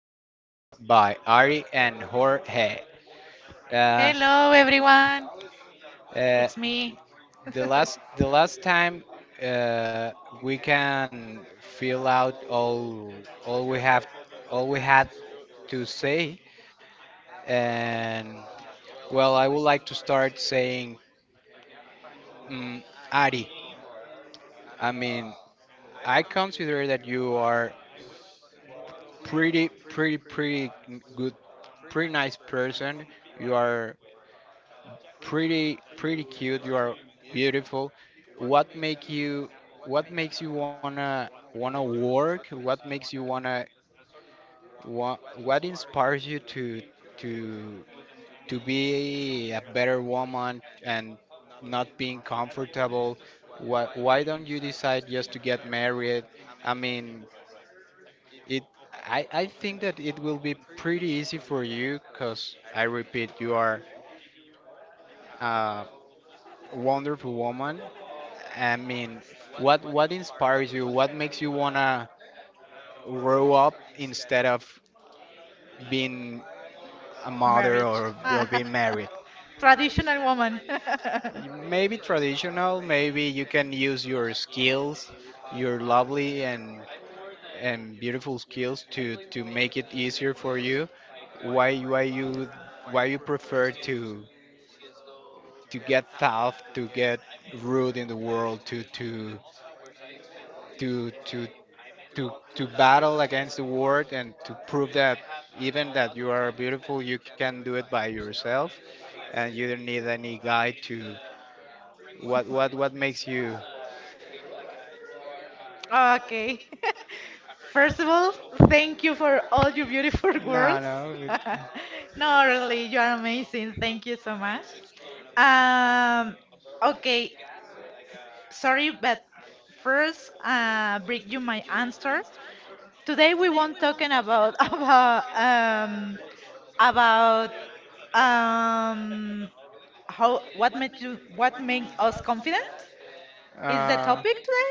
podcast by Ari and Jorge. Uh, Hello, everyone. It's uh, me. the last time uh, we can fill out all we have all we had to say, and well, I would like to start saying, mm, Ari. I mean, I consider that you are pretty good, pretty nice person. You are pretty cute. You are beautiful. What make you? What makes you wanna work? What makes you wanna what? What inspires you to to to be a better woman and not being comfortable? Why don't you decide just to get married? I mean, It, I think that it will be pretty easy for you because I repeat, you are a wonderful woman. I mean, what inspires you? What makes you wanna grow up instead of being a mother Marriage. or Ah, being married? Traditional woman. Maybe traditional. Maybe you can use your skills, your lovely and beautiful skills to make it easier for you. Why why you why you prefer to? To get tough, to get rude in the world, to to to battle against the world and to prove that even that you are beautiful, you can do it by yourself, and you don't need any guy to. What makes you? Okay. First of all, thank you for all your beautiful No, words. No, really, you are amazing. Thank you so much. Um, okay, sorry, but first, bring you my answer. Today we won't talking about about um how what made us confident no. Is the topic today?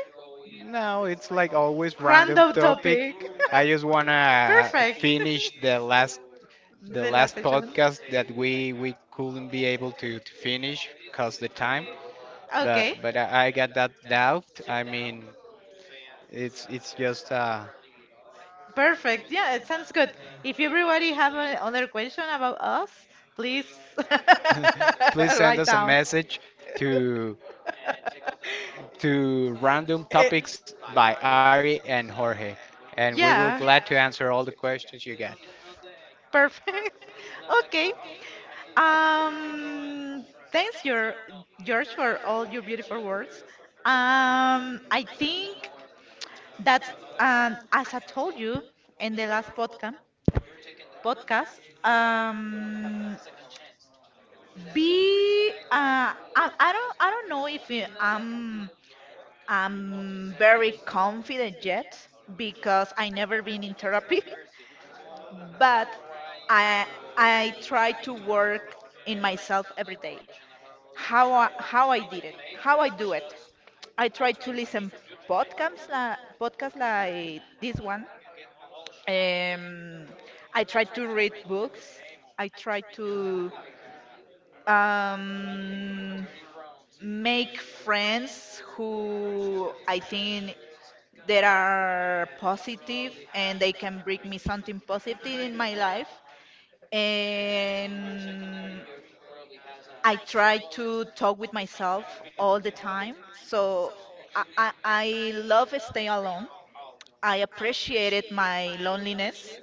No, it's like always random. Random topic. I just wanna Perfect. finish the last the The last last session. podcast that we couldn't be able to finish cause the time. But Okay. but I got that doubt. I mean, it's it's just. Perfect. Yeah, it sounds good. If everybody have another question about us, please Please send write us a down. message to to random topics by Ari and Jorge, and we will glad to Yeah. answer all the questions you got. Perfect. Okay. Um, Thanks, your George, for all your beautiful words. I think that as I told you in the last podcast. Be I don't know if I'm very confident yet because I never been in therapy, but I I try to work in myself every day. How I do it. I try to listen podcasts like this one. Um, I try to read books. I try to um, make friends who I think that are positive and they can bring me something positive in my life. And I try to talk with myself all the time. So I love stay alone. I appreciated my loneliness.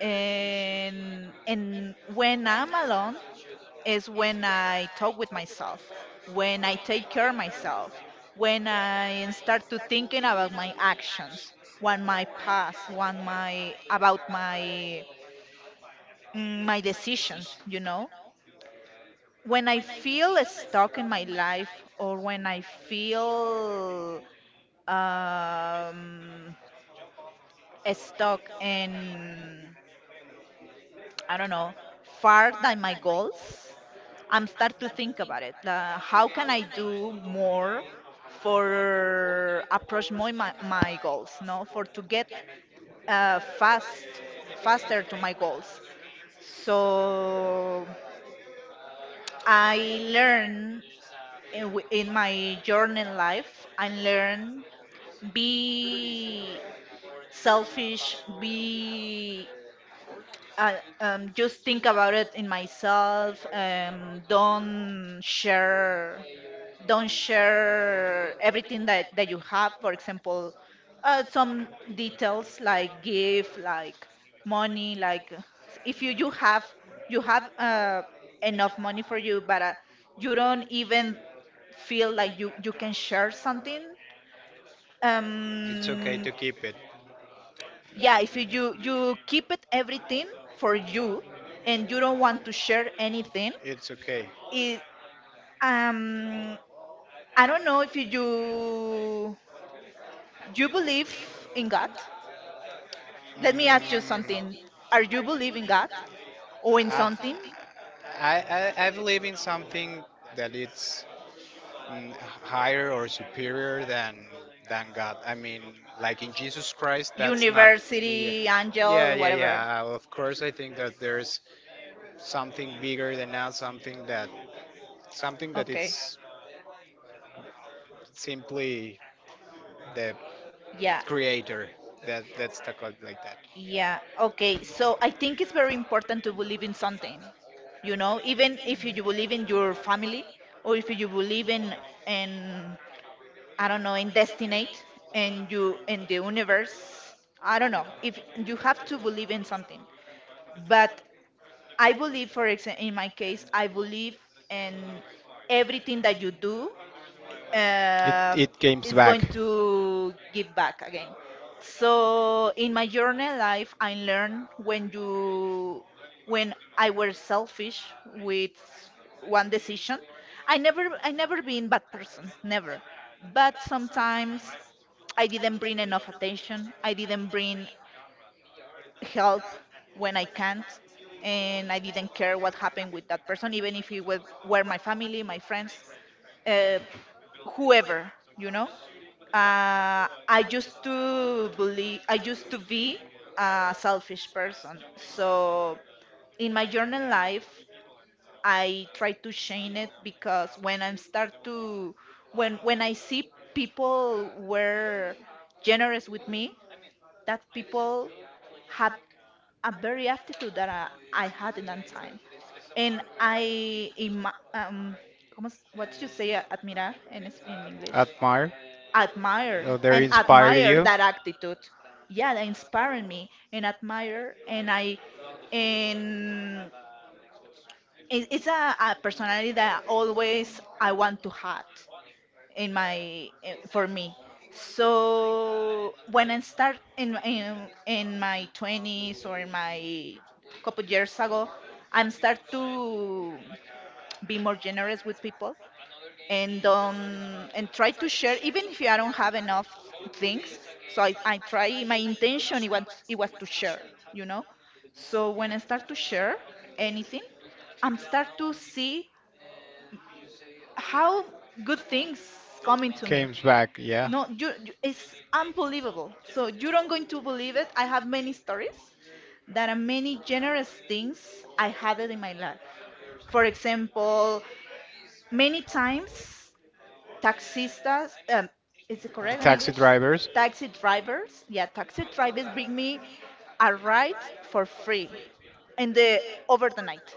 And when I'm alone, is when I talk with myself, when I take care of myself, when I start to thinking about my actions, when my about my decisions, you know? When I feel stuck in my life or when I feel um, stuck in, I don't know, far than my goals, I'm start to think about it. How can I do more for approach more my goals, no, for to get uh, fast faster to my goals. So I learn in my journey in life, I learn be selfish, be I just think about it in myself. Don't share everything that you have. For example, some details like gift, like money, like if you have enough money for you, but you don't even feel like you can share something. It's okay to Um, keep it. yeah, if you keep it everything for you and you don't want to share anything It's okay. it um I don't know if you believe in God. Let let me ask you Mm, something. Are you in believe in God or in something, I, I believe in something that it's mm, higher or superior than God. I mean, like in Jesus Christ, that's not. Yeah, university, yeah, angel, yeah. whatever? yeah. Of course, I think that there's something bigger than us, something that Okay. it's simply the Yeah. creator. That that's the called like that. Yeah. Yeah. Okay. So I think it's very important to believe in something. You know, even if you believe in your family or if you believe in, I don't know, in destiny and you in the universe. I don't know. If you have to believe in something. But I believe, for example, in my case, I believe in everything that you do, It um, it comes it's back. going to give back again. So in my journey life, I learned when I were selfish with one decision. I never been bad person, never. But sometimes I didn't bring enough attention. I didn't bring help when I can't, and I didn't care what happened with that person, even if it was, were my family, my friends, uh, whoever, you know, I used to be a selfish person. So in my journal life, I try to change it because when I see people were generous with me, that people have a very aptitude that I had in that time. And ¿cómo es- what did you say, admirar in, es- in English? Admire. Admire Oh, they and inspired admire you. that attitude. Yeah, they inspiring me and admire and I and it's a personality that always I want to have in my for me. So when I start in my 20s or in my couple years ago, I'm start to be more generous with people and try to share even if I don't have enough things. So I try, my intention it was to share, you know. So when I start to share anything, I'm start to see how good things coming to me. Comes back. Yeah. No, it's unbelievable. So you're not going to believe it. I have many stories that are many generous things I had it in my life. For example, many times taxistas. Is it The correct in taxi English? drivers. Taxi drivers. Yeah, taxi drivers bring me a ride for free in the over the night.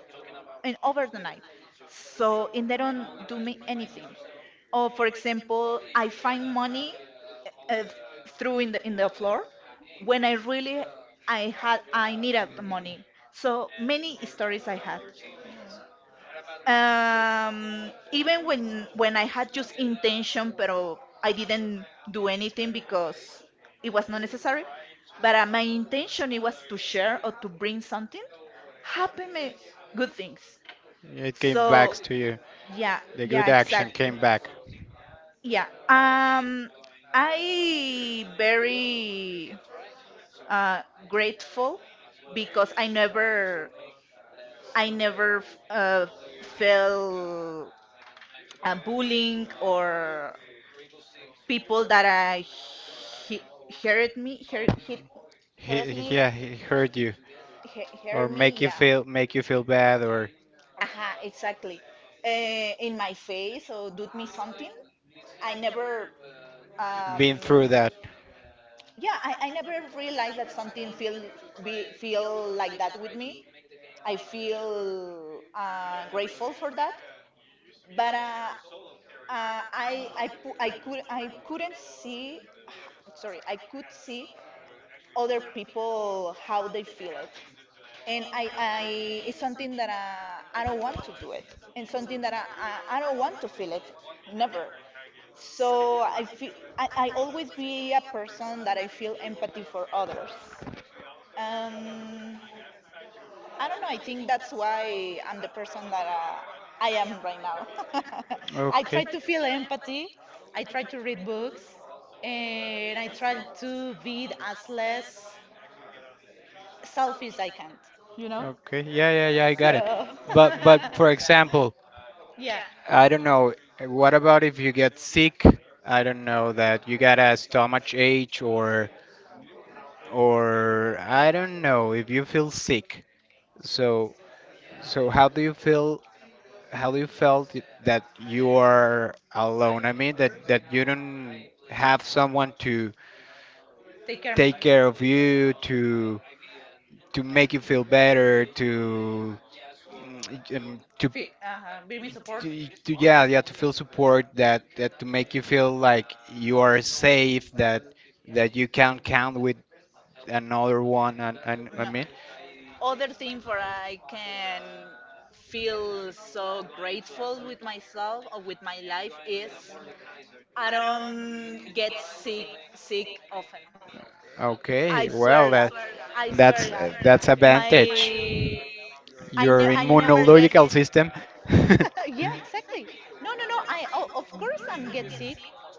In over the night. So and they don't do me anything. Or for example, I find money uh, uh, through in the floor when I really I needed the money. So many stories I had. Even when I had just intention, pero I didn't do anything because it was not necessary. But my intention it was to share or to bring something. Happen me good things. It came So back So to you. Yeah, yeah, the yeah, good yeah, action exactly. exactly. came back, Yeah. I very uh, grateful because I never felt bullying or people that he- hurt me, hurt, hit, hurt me, Yeah, he hurt you or hurt me, yeah. Make you feel bad or Aha, exactly. In my face or do me something. I never, Um, um, been through that. yeah, I never realized that something feel feel like that with me. I feel grateful for that. But I couldn't see, sorry, I could see other people how they feel it, and I it's something that I don't want to do it, and something that I don't want to feel it, never. So I always be a person that I feel empathy for others. Um, I don't know. I think that's why I'm the person that I am right now. Right. I Okay. try to feel empathy. I try to read books, and I try to be as less selfish as I can. You know. Okay. Yeah, I got it. So So. but for example, Yeah. I don't know. What about if you get sick? I don't know that you got a stomach ache or I don't know if you feel sick. So so how do you feel? How do you felt that you are alone? I mean that that you don't have someone to Take care of me. take care of you to make you feel better to mm, um, to Uh-huh, be me support. Yeah, yeah, to feel support that that to make you feel like you are safe that that you can count with another one and I No, mean other thing for I can feel so grateful with myself or with my life is I don't get sick often. okay I well that swear God, I swear God, that's my advantage. Your I never get immunological system. yeah, exactly, no, no, no, I of course I'm get sick,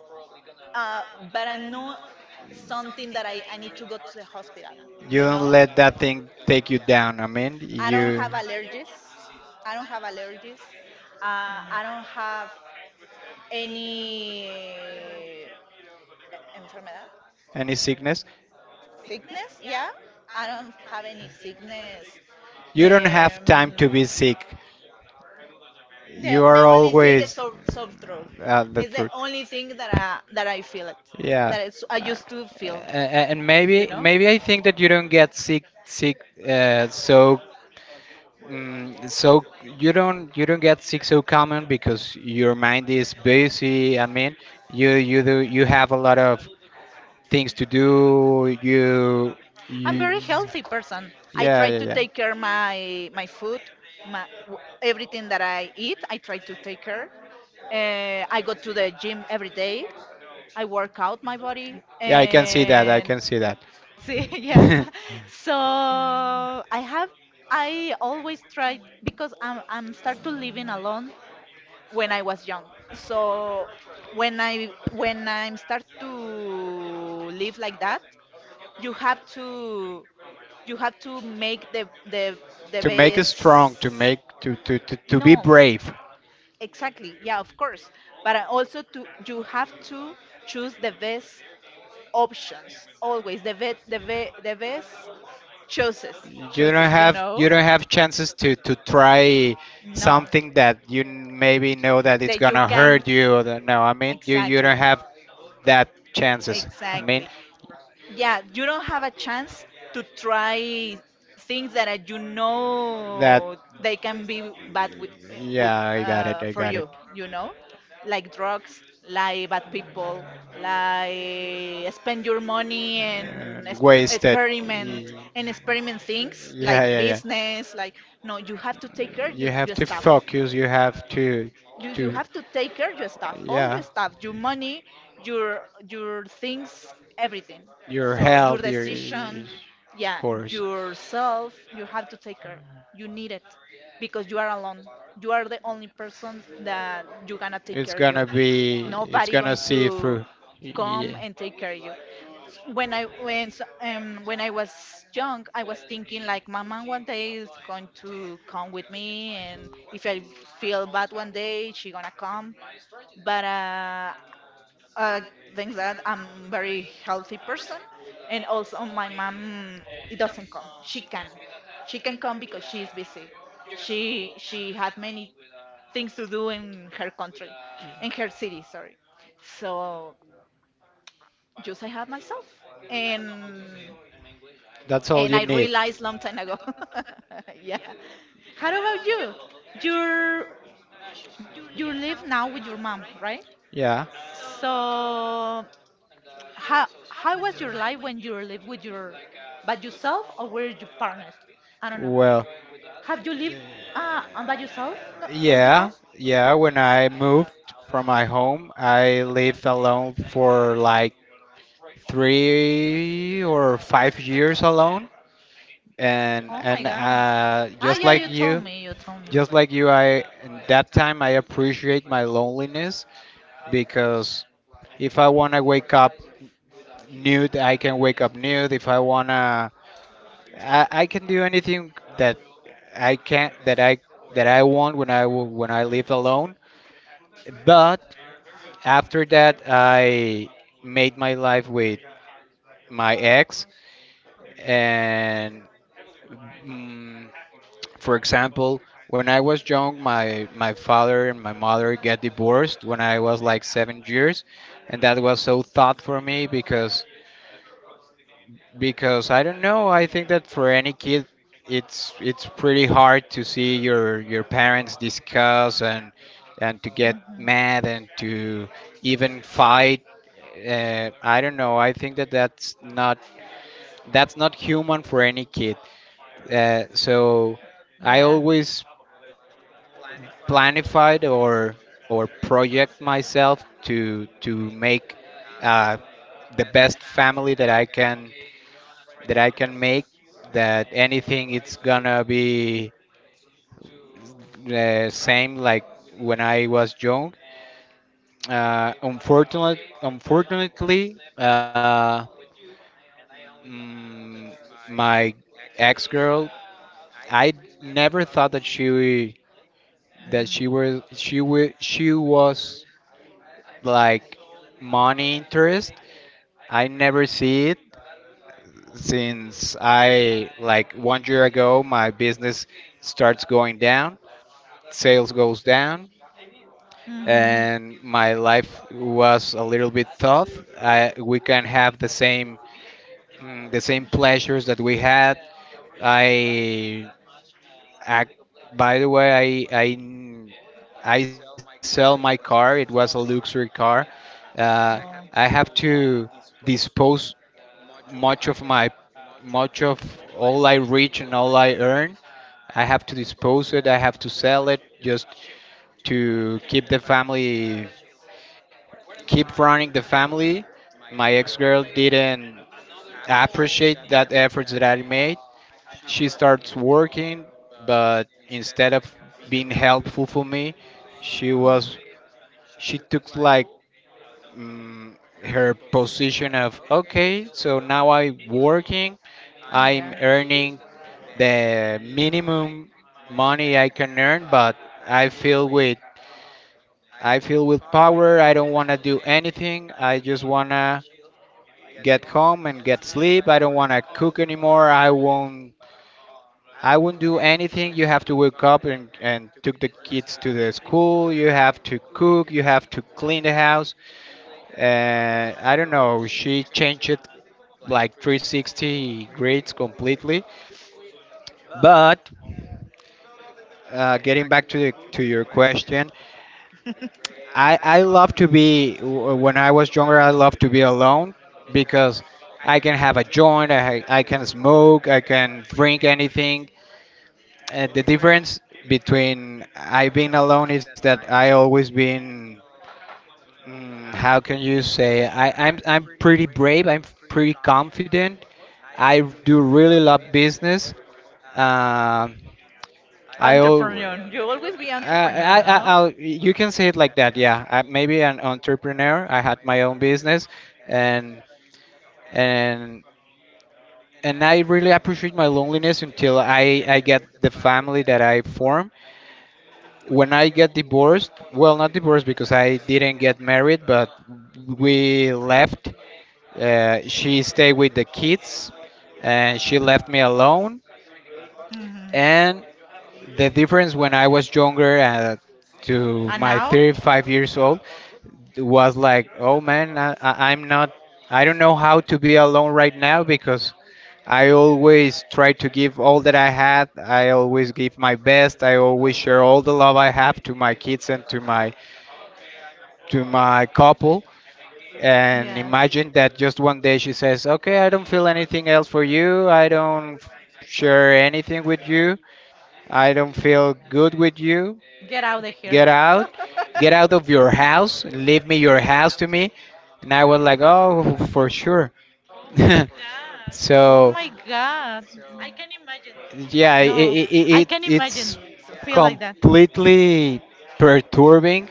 uh, but I know something that I need to go to the hospital, You you don't know? let that thing take you down. I mean, I don't you. have allergies. I don't have allergies. I don't have any enfermedad, Any sickness? sickness. Yeah, I don't have any sickness. You don't have Um, time to be sick. You the are only thing is always soft throat. The It's the truth. only thing that I feel it. Yeah. That it's, I Uh, used to feel, and you maybe know. maybe I think that you don't get sick. So, so you don't get sick so common because your mind is busy. I mean, you do you have a lot of things to do. You I'm you very healthy person. I yeah, try yeah, to yeah. take care my food, everything that I eat. I try to take care. I go to the gym every day. I work out my body Yeah, I can see that. I and can see that. see, yeah. So I have. I always try because I'm start to living alone when I was young. So when I'm start to live like that, you have to you have to make the strong, to best. make to be No, brave. exactly. Yeah, of course. But I also to you have to choose the best options always. The best choices You don't choices. You have know. Chances to try No. something that maybe know that it's That you gonna can hurt you or that, no, I mean you you exactly. don't have that chances, I mean Exactly, yeah, you don't have a chance to try things that you that. know they can be bad with Yeah, I got it. I for got it. you, you know, like drugs, like bad people, like spend your money and experiment experiment things like business, like no, you have to take care of your Yourself, stuff. focus. You have to, and You you have to take care of your stuff, all your stuff, your money, your your things, everything, so your health, is, decision, yeah, yourself, you have to take care, you need it, because you are alone, you are the only person that you gonna take care of you, nobody going through, to come. come and take care of you. When I was young, I was thinking like my mom one day is going to come with me, and if I feel bad one day, she gonna come. But uh, thanks that I'm very healthy person, and also my mom it doesn't come. She can come because she's busy. She had many things to do in her country, in her city. Sorry. So just I have myself, and That's all and you I need. realized long time ago. Yeah. How about you? You're you live now with your mom, right? Yeah. So how was your life when you live with your by yourself or were you partnered? I don't know. Well, Have you lived by yourself, no, before? yeah, yeah. When I moved from my home, I lived alone for like 3 or 5 years alone, and Oh my God. Ah, just yeah, like you you, told me. You told me. I in that time I appreciate my loneliness because if I want to wake up nude. I can wake up nude if I wanna. I can do anything that I that I want when when I live alone. But after that, I made my life with my ex, and mm, for example, when I was young, my father and my mother get divorced when I was like 7 years, and that was so thought for me because I don't know. I think that for any kid, it's pretty hard to see your parents discuss and to get Mhm. mad and to even fight. I don't know. I think that that's not human for any kid. So, I always planified or project myself to make uh, the best family that I can that I can make, that anything it's gonna be the same like when I was young. Unfortunately, mm, my ex girl, I never thought that she that she Mhm. was she was she was like money interest. I never see it since I like one year ago. My business starts going down, sales goes down, and my life was a little bit tough. We can have the same the same pleasures that we had. I i by the way I I sell my car. It was a luxury car. Uh, I have Oh. to dispose much of my much of all I reach and all I earn. I have to dispose it. I have to sell it. Just to keep the family, keep running the family. My ex-girl didn't appreciate that efforts that I made. She starts working, but instead of being helpful for me, she was she took like, mm, her position of okay so now I'm working, I'm earning the minimum money I can earn, but i feel with I feel with power. I don't want to do anything. I just want to get home and get sleep. I don't want to cook anymore. I won't. I won't do anything. You have to wake up and took the kids to the school. You have to cook. You have to clean the house. And I don't know. She changed it like 360 grades completely. But getting back to your question, I would. I love to be when I was younger. I love to be alone because I can have a joint. I can smoke. I can drink anything. The difference between I being alone is that I always been. How can you say? I'm pretty brave. I'm pretty confident. I do really love business. Um I al- Entrepreneur. You always be. I, will you can say it like that. Yeah, I, maybe an entrepreneur. I had my own business, and and and I really appreciate my loneliness until I get the family that I form. When I get divorced, well, not divorced because I didn't get married, but we left. She stayed with the kids, and she left me alone. Mhm. And the difference when I was younger to my 35 years old was like, oh man, I'm not, I don't know how to be alone right now because I always try to give all that I had. I always give my best. I always share all the love I have to my kids and to my couple. And Yeah. imagine that just one day she says, okay, I don't feel anything else for you. I don't share anything with you. I don't feel good with you. Get out of here. Get out. Get out of your house. Leave me your house to me. And I was like, oh, for sure. Oh my God. Uh, so, No, I can imagine yeah, I feel like it, that. It's completely perturbing.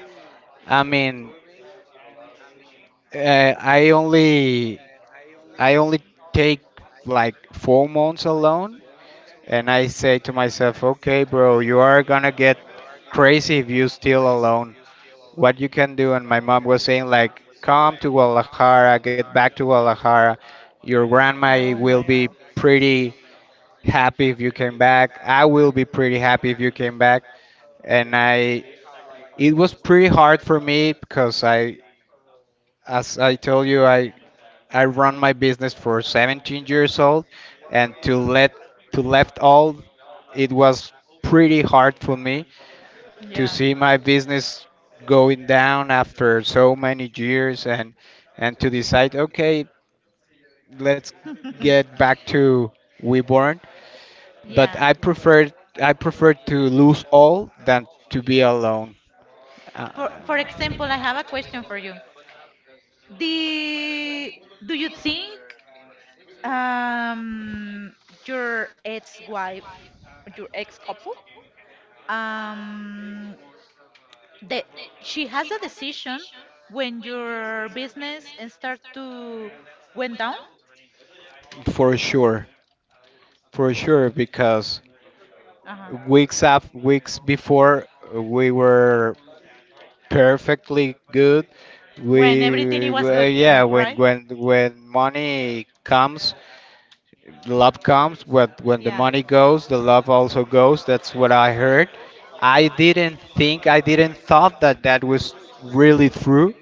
I mean, uh, I only I only take like 4 months alone, and I say to myself, okay, bro, you are gonna get crazy if you still alone. What you can do. And my mom was saying, like, come to Guadalajara, get back to Guadalajara. Your Oh grandma my will God. be pretty happy if you came back. I will be pretty happy if you came back. And I, it was pretty hard for me because I, as I told you, I run my business for 17 years old, and to let to left all, it was pretty hard for me to Yeah. see my business going down after so many years and to decide okay let's get back to WeBorn, but Yeah. I prefer to lose all than to be alone. uh, For example, I have a question for you. The Do you think um your ex-wife, your ex-couple, um that she has a decision when your business and start to went down? for sure, for sure, because Uh-huh. Weeks before we were perfectly good. When everything We it was good, Yeah, when right? when when money comes, love comes. When the money goes, the love also goes. That's what I heard. I didn't thought that that was really true.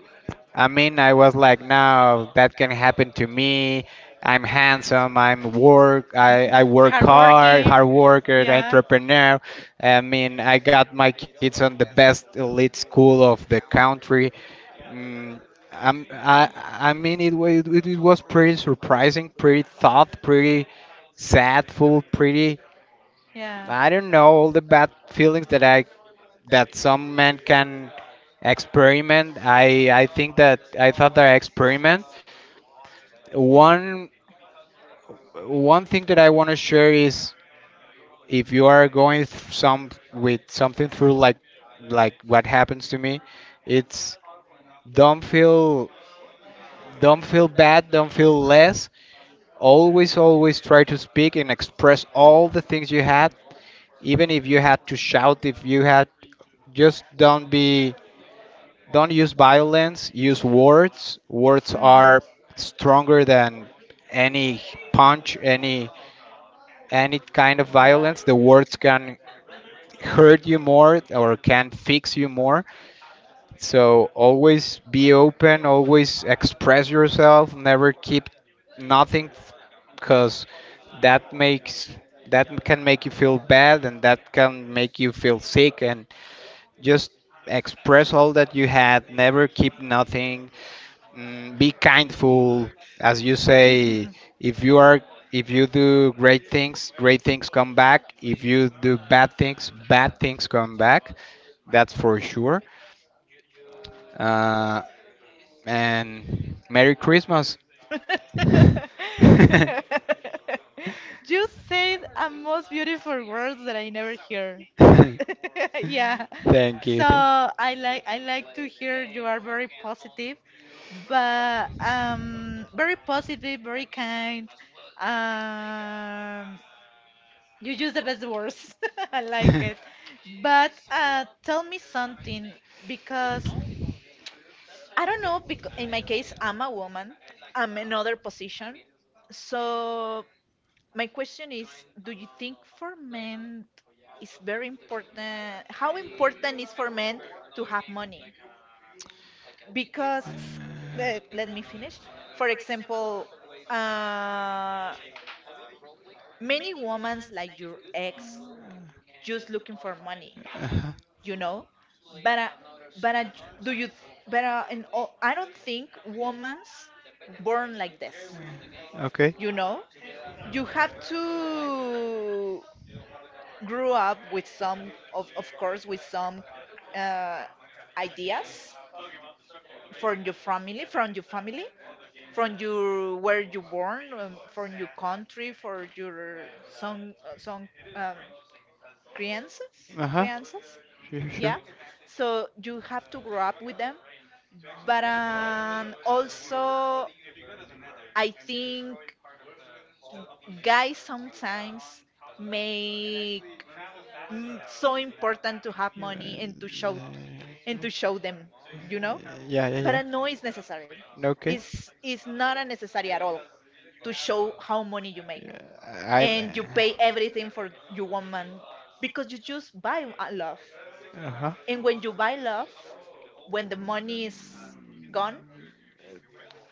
I mean, I was like, no, that can happen to me. I'm handsome. I'm work. I work hard, hard worker, entrepreneur. I mean, I got my kids on the best elite school of the country. Mm, I mean, it, it was pretty surprising, pretty thought, pretty sadful, pretty, Yeah. I don't know, all the bad feelings that I that some men can experiment. I think that I thought that I experiment. One one thing that I want to share is if you are going some with something through like what happens to me, it's don't feel don't feel bad, don't feel less. Always try to speak and express all the things you had, even if you had to shout, if you had just don't be. Don't use violence, use words. Words are stronger than any punch, any kind of violence. The words can hurt you more or can fix you more. So always be open, always express yourself, never keep nothing because that makes that can make you feel bad and that can make you feel sick and just express all that you had, never keep nothing. Be kindful, as you say. If you are, if you do great things, great things come back. If you do bad things, bad things come back. That's for sure. uh, and merry christmas. Thank You said a most beautiful words that I never hear. Yeah. you, thank So I like to hear you are very positive, but very positive, very kind. Um you use the best words. I like you. it. But tell me something because I don't know, because in my case I'm a woman. I'm another position. So my question is, do you think for men is very important how important is for men to have money? Because let me finish. For example, uh, many women like your ex just looking for money. Uh-huh. You know, but uh, but but in all, I don't think women's born like this, Okay. you know. You have to grow up with some of course with some uh, ideas from your family, from your where you born, from your country for your some um, crianças Uh-huh. crianças. Sure, sure. Yeah. Yeah, so you have to grow up with them. But also, I think guys sometimes make, so important to have Yeah, money and to show, and to show them, you know. yeah, But yeah. no, it's necessary. Okay. It's not unnecessary at all to It's. show how money you make, and you pay everything for your woman because you just buy a love, Uh huh. and when you buy love, when the money is gone,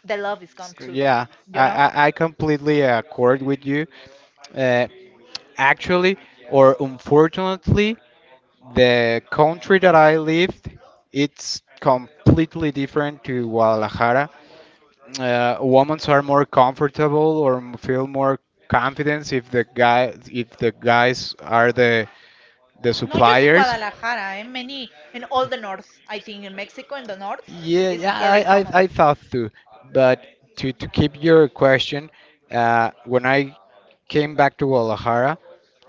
the love is gone too, Yeah, you know? I completely accord with you. Uh, Actually, or unfortunately, the country that I lived, it's completely different to Guadalajara. Women are more comfortable or feel more confidence if the guy if the guys are the Not just in suppliers. Guadalajara, in many, in all the north. I think in Mexico, in the north, Yeah, it's yeah, very I common. thought too. But to keep your question, when I came back to Guadalajara,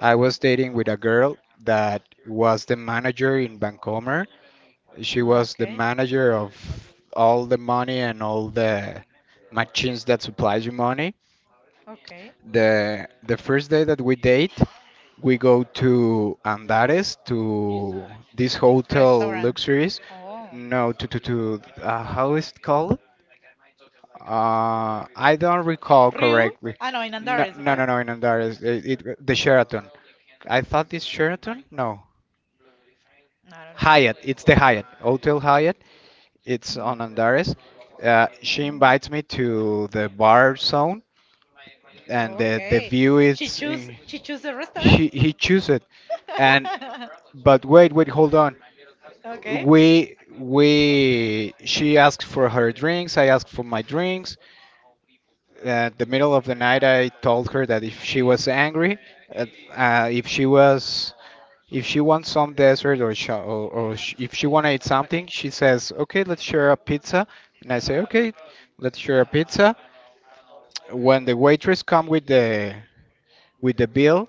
I was dating with a girl that was the manager in Vancomer. She was the Okay, manager of all the money and all the machines that supplies you money. okay. The first day that we date, we go to Andares to this hotel Restaurant. luxuries. Oh. No, to how is it called? I don't recall Ryu? correctly. I know, in No, Andares, no, right? no, No, in Andares, it, the Sheraton. I thought this Sheraton? No. I don't Hyatt. It's the Hyatt know. Hotel Hyatt. It's Mm. on Andares. She Uh, invites me to the bar zone, and and the okay. view is. Choose, In. she choose the restaurant? He chooses, and It. but wait hold on. Okay. We she asked for her drinks. I asked for my drinks. At the middle of the night, I told her that if she was angry, uh, if she was, if she wants some dessert or, if she want to eat something. She says, "Okay, let's share a pizza." And I say, "Okay, let's share a pizza." When the waitress come with the bill,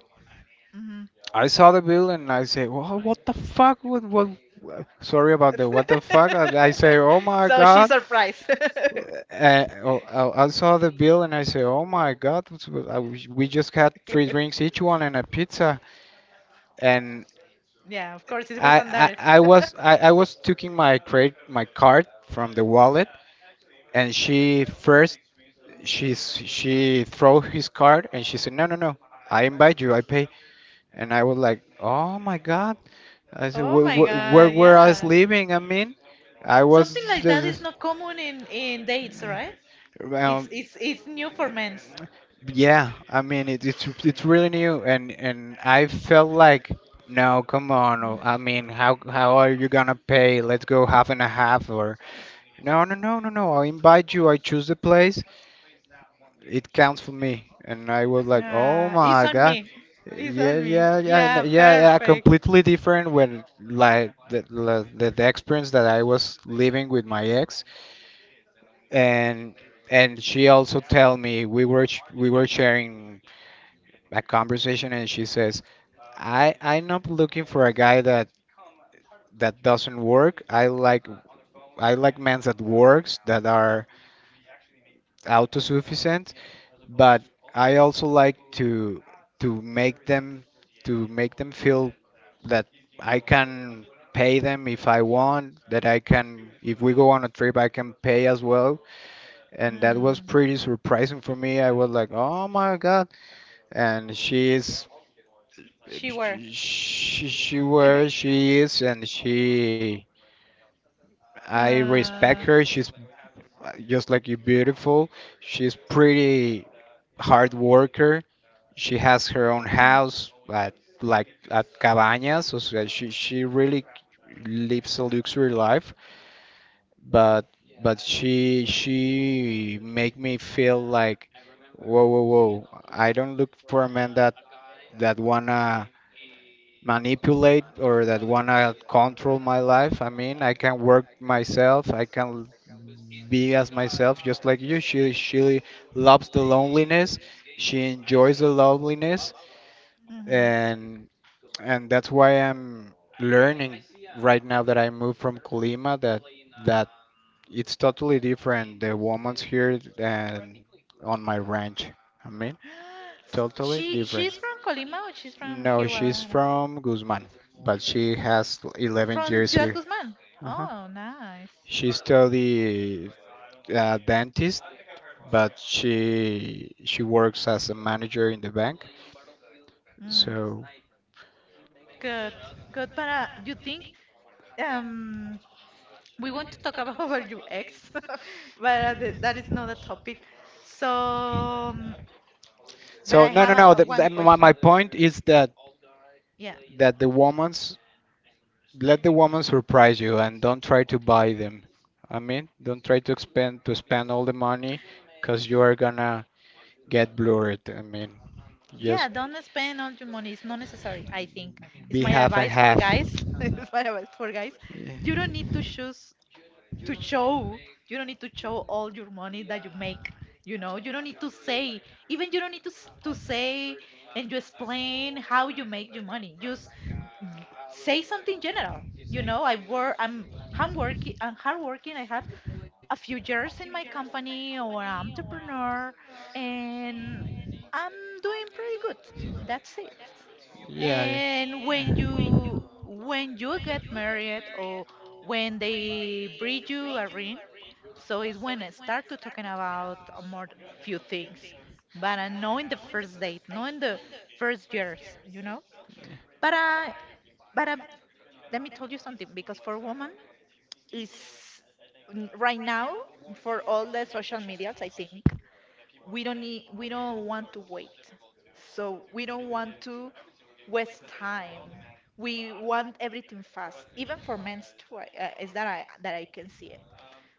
Mhm. I saw the bill and I say, "Wha- what the fuck? What, what? Wha- sorry about the what the fuck." And I say, "Oh my god." Surprised. Oh, I saw the bill and I say, "Oh my God, it's- I wish- we just had three drinks each one and a pizza." And yeah, of course, it I, Andares. I was I was taking my credit my card from the wallet, and she first, she throw his card and she said, no no no, I invite you, I pay. And I was like, oh my god. I said, Oh wh my wh where God, were I yeah. living. I mean, I was Something like that is just. not common in dates, right? It's Um, it's new for men's. yeah, I mean it, it's really new, and I felt like, no, come on. Oh, Mm. I mean, how are you gonna pay? Let's go half and a half, or no, no, no, no, no. I invite you. I choose the place, it counts for me. And I was like, oh Ah, it's my on god. me. It's on me. Yeah, Yeah yeah perfect. completely different when like the experience that I was living with my ex. and and she also tell me we were sharing a conversation and she says, I'm not looking for a guy that that doesn't work. I like men that works, that are autosufficient, but I also like to to make them to make them feel that I can pay them if I want, that I can, if we go on a trip I can pay as well. And that was Mm. pretty surprising for me. I was like, "Oh my God." And she is, She were. She where she is. And she, I respect Uh, her. She's, just like you, beautiful. She's pretty, hard worker. She has her own house at like at Cabañas, so so she really lives a luxury life, but but she make me feel like, whoa whoa whoa, I don't look for a man that that wanna manipulate or that wanna control my life. I mean, I can work myself. I can be as myself, just like you. She loves the loneliness. She enjoys the loneliness, mm-hmm. and and that's why I'm learning right now that I moved from Colima, that that it's totally different the woman's here and on my ranch. I mean, totally She, different. she's from Colima or she's from No, here, she's Guadalajara? from Guzman, but she has 11 years Ciudad here. Guzmán. Uh-huh. Oh, nice. She studied, dentist, but she works as a manager in the bank. Mm. So. Good, good. But you think, um we want to talk about our ex, but th that is not a topic. So, um, but I have no, a one question. my point is that Yeah, that the woman's, let the woman surprise you and don't try to buy them. I mean, don't try to expend to spend all the money, because you are gonna get blurred. I mean, yeah, just don't spend all your money. It's not necessary, I think. It's be my half and advice for half. guys. It's my advice for guys. You don't need to choose to show. You don't need to show all your money that you make. You know, you don't need to say. Even you don't need to to say and you explain how you make your money. Just say something general. You know, I work. I'm working. I'm hardworking. I have a few years in my company or an entrepreneur, and I'm doing pretty good. That's it. Yeah, yeah. And Yeah. When you get married, or when they bring you a ring, so it's when I start to talking about a more few things. But I know in the first date, not in the first years, you know. But I but I, Let me tell you something, because for women is, right now, for all the social medias, I think we don't want to wait, so we don't want to waste time. We want everything fast, even for men's too. Is that, I that I can see it.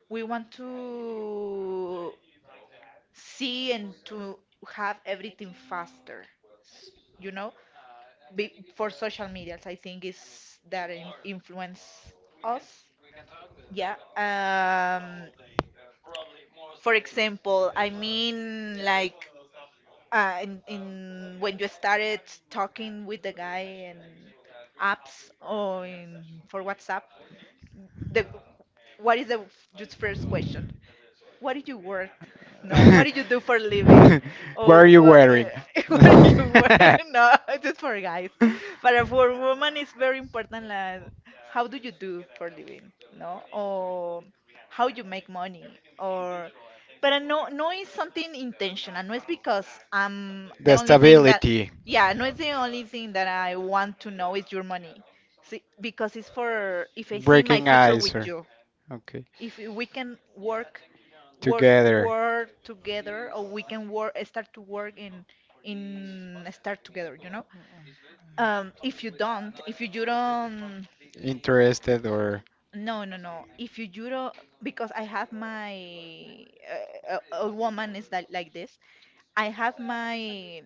We want to see and to have everything faster. s- you know. For social medias, I think is that influence us, yeah. Um, for example, I mean, like, in when you started talking with the guy in apps or in for WhatsApp, the what is the just first question? What did you work? No, what did you do for a living? What are Oh, you wearing? what do you work? The No, it's just for guys. But for a woman, it's very important. Like, how do you do for a living? No, or how you make money, or, but I know no is something intentional. No, it's because, um, the only thing that, stability, yeah, no, it's the only thing that I want to know is your money. See, because it's for if I see my breaking future ice, with or you, okay, if we can work, work together, work together, or we can work start to work in start together, you know. Um, if you don't, if you, you don't, interested or no no no, if you, you don't, because I have my, a woman is that like this, I have my,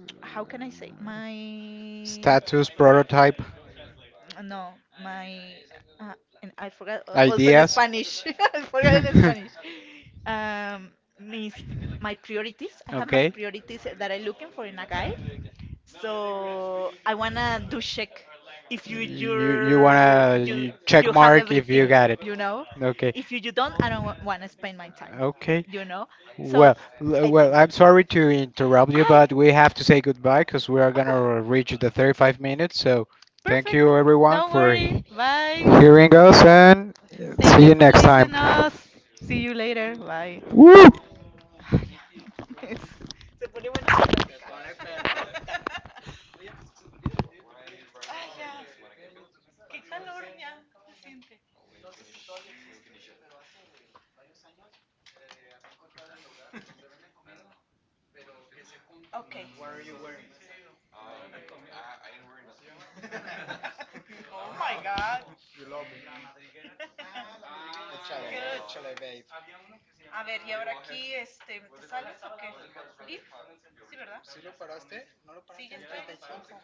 uh, how can I say, my, status, prototype, no, my, uh, and I forgot, also in ideas. Spanish, I forgot in Spanish. Um, mis, my priorities. I have my, okay, Okay. priorities that I'm looking for in a guy. So I wanna do check if you You you're, wanna you you you check have mark if everything, you got it. you know. Okay. If you, you don't, I don't wanna spend my time, Okay. you know. So Well, I think. well, I'm sorry to interrupt you, I. but we have to say goodbye because we are gonna reach the 35 minutes. So, thank Perfect. you everyone Don't for worry. Bye. hearing us, and Thank see you you for next time. listening us. See you later. Bye. Woo! Ay, ya, no mames. Se pone buena la, se plática. Se Ay, ya. Qué calor ya. Se siente. Ok. Oh my God. Good. A ver, ¿y ahora aquí este, te sales o qué? ¿Leaf? Sí, ¿verdad? Sí, ya estoy en el tiempo.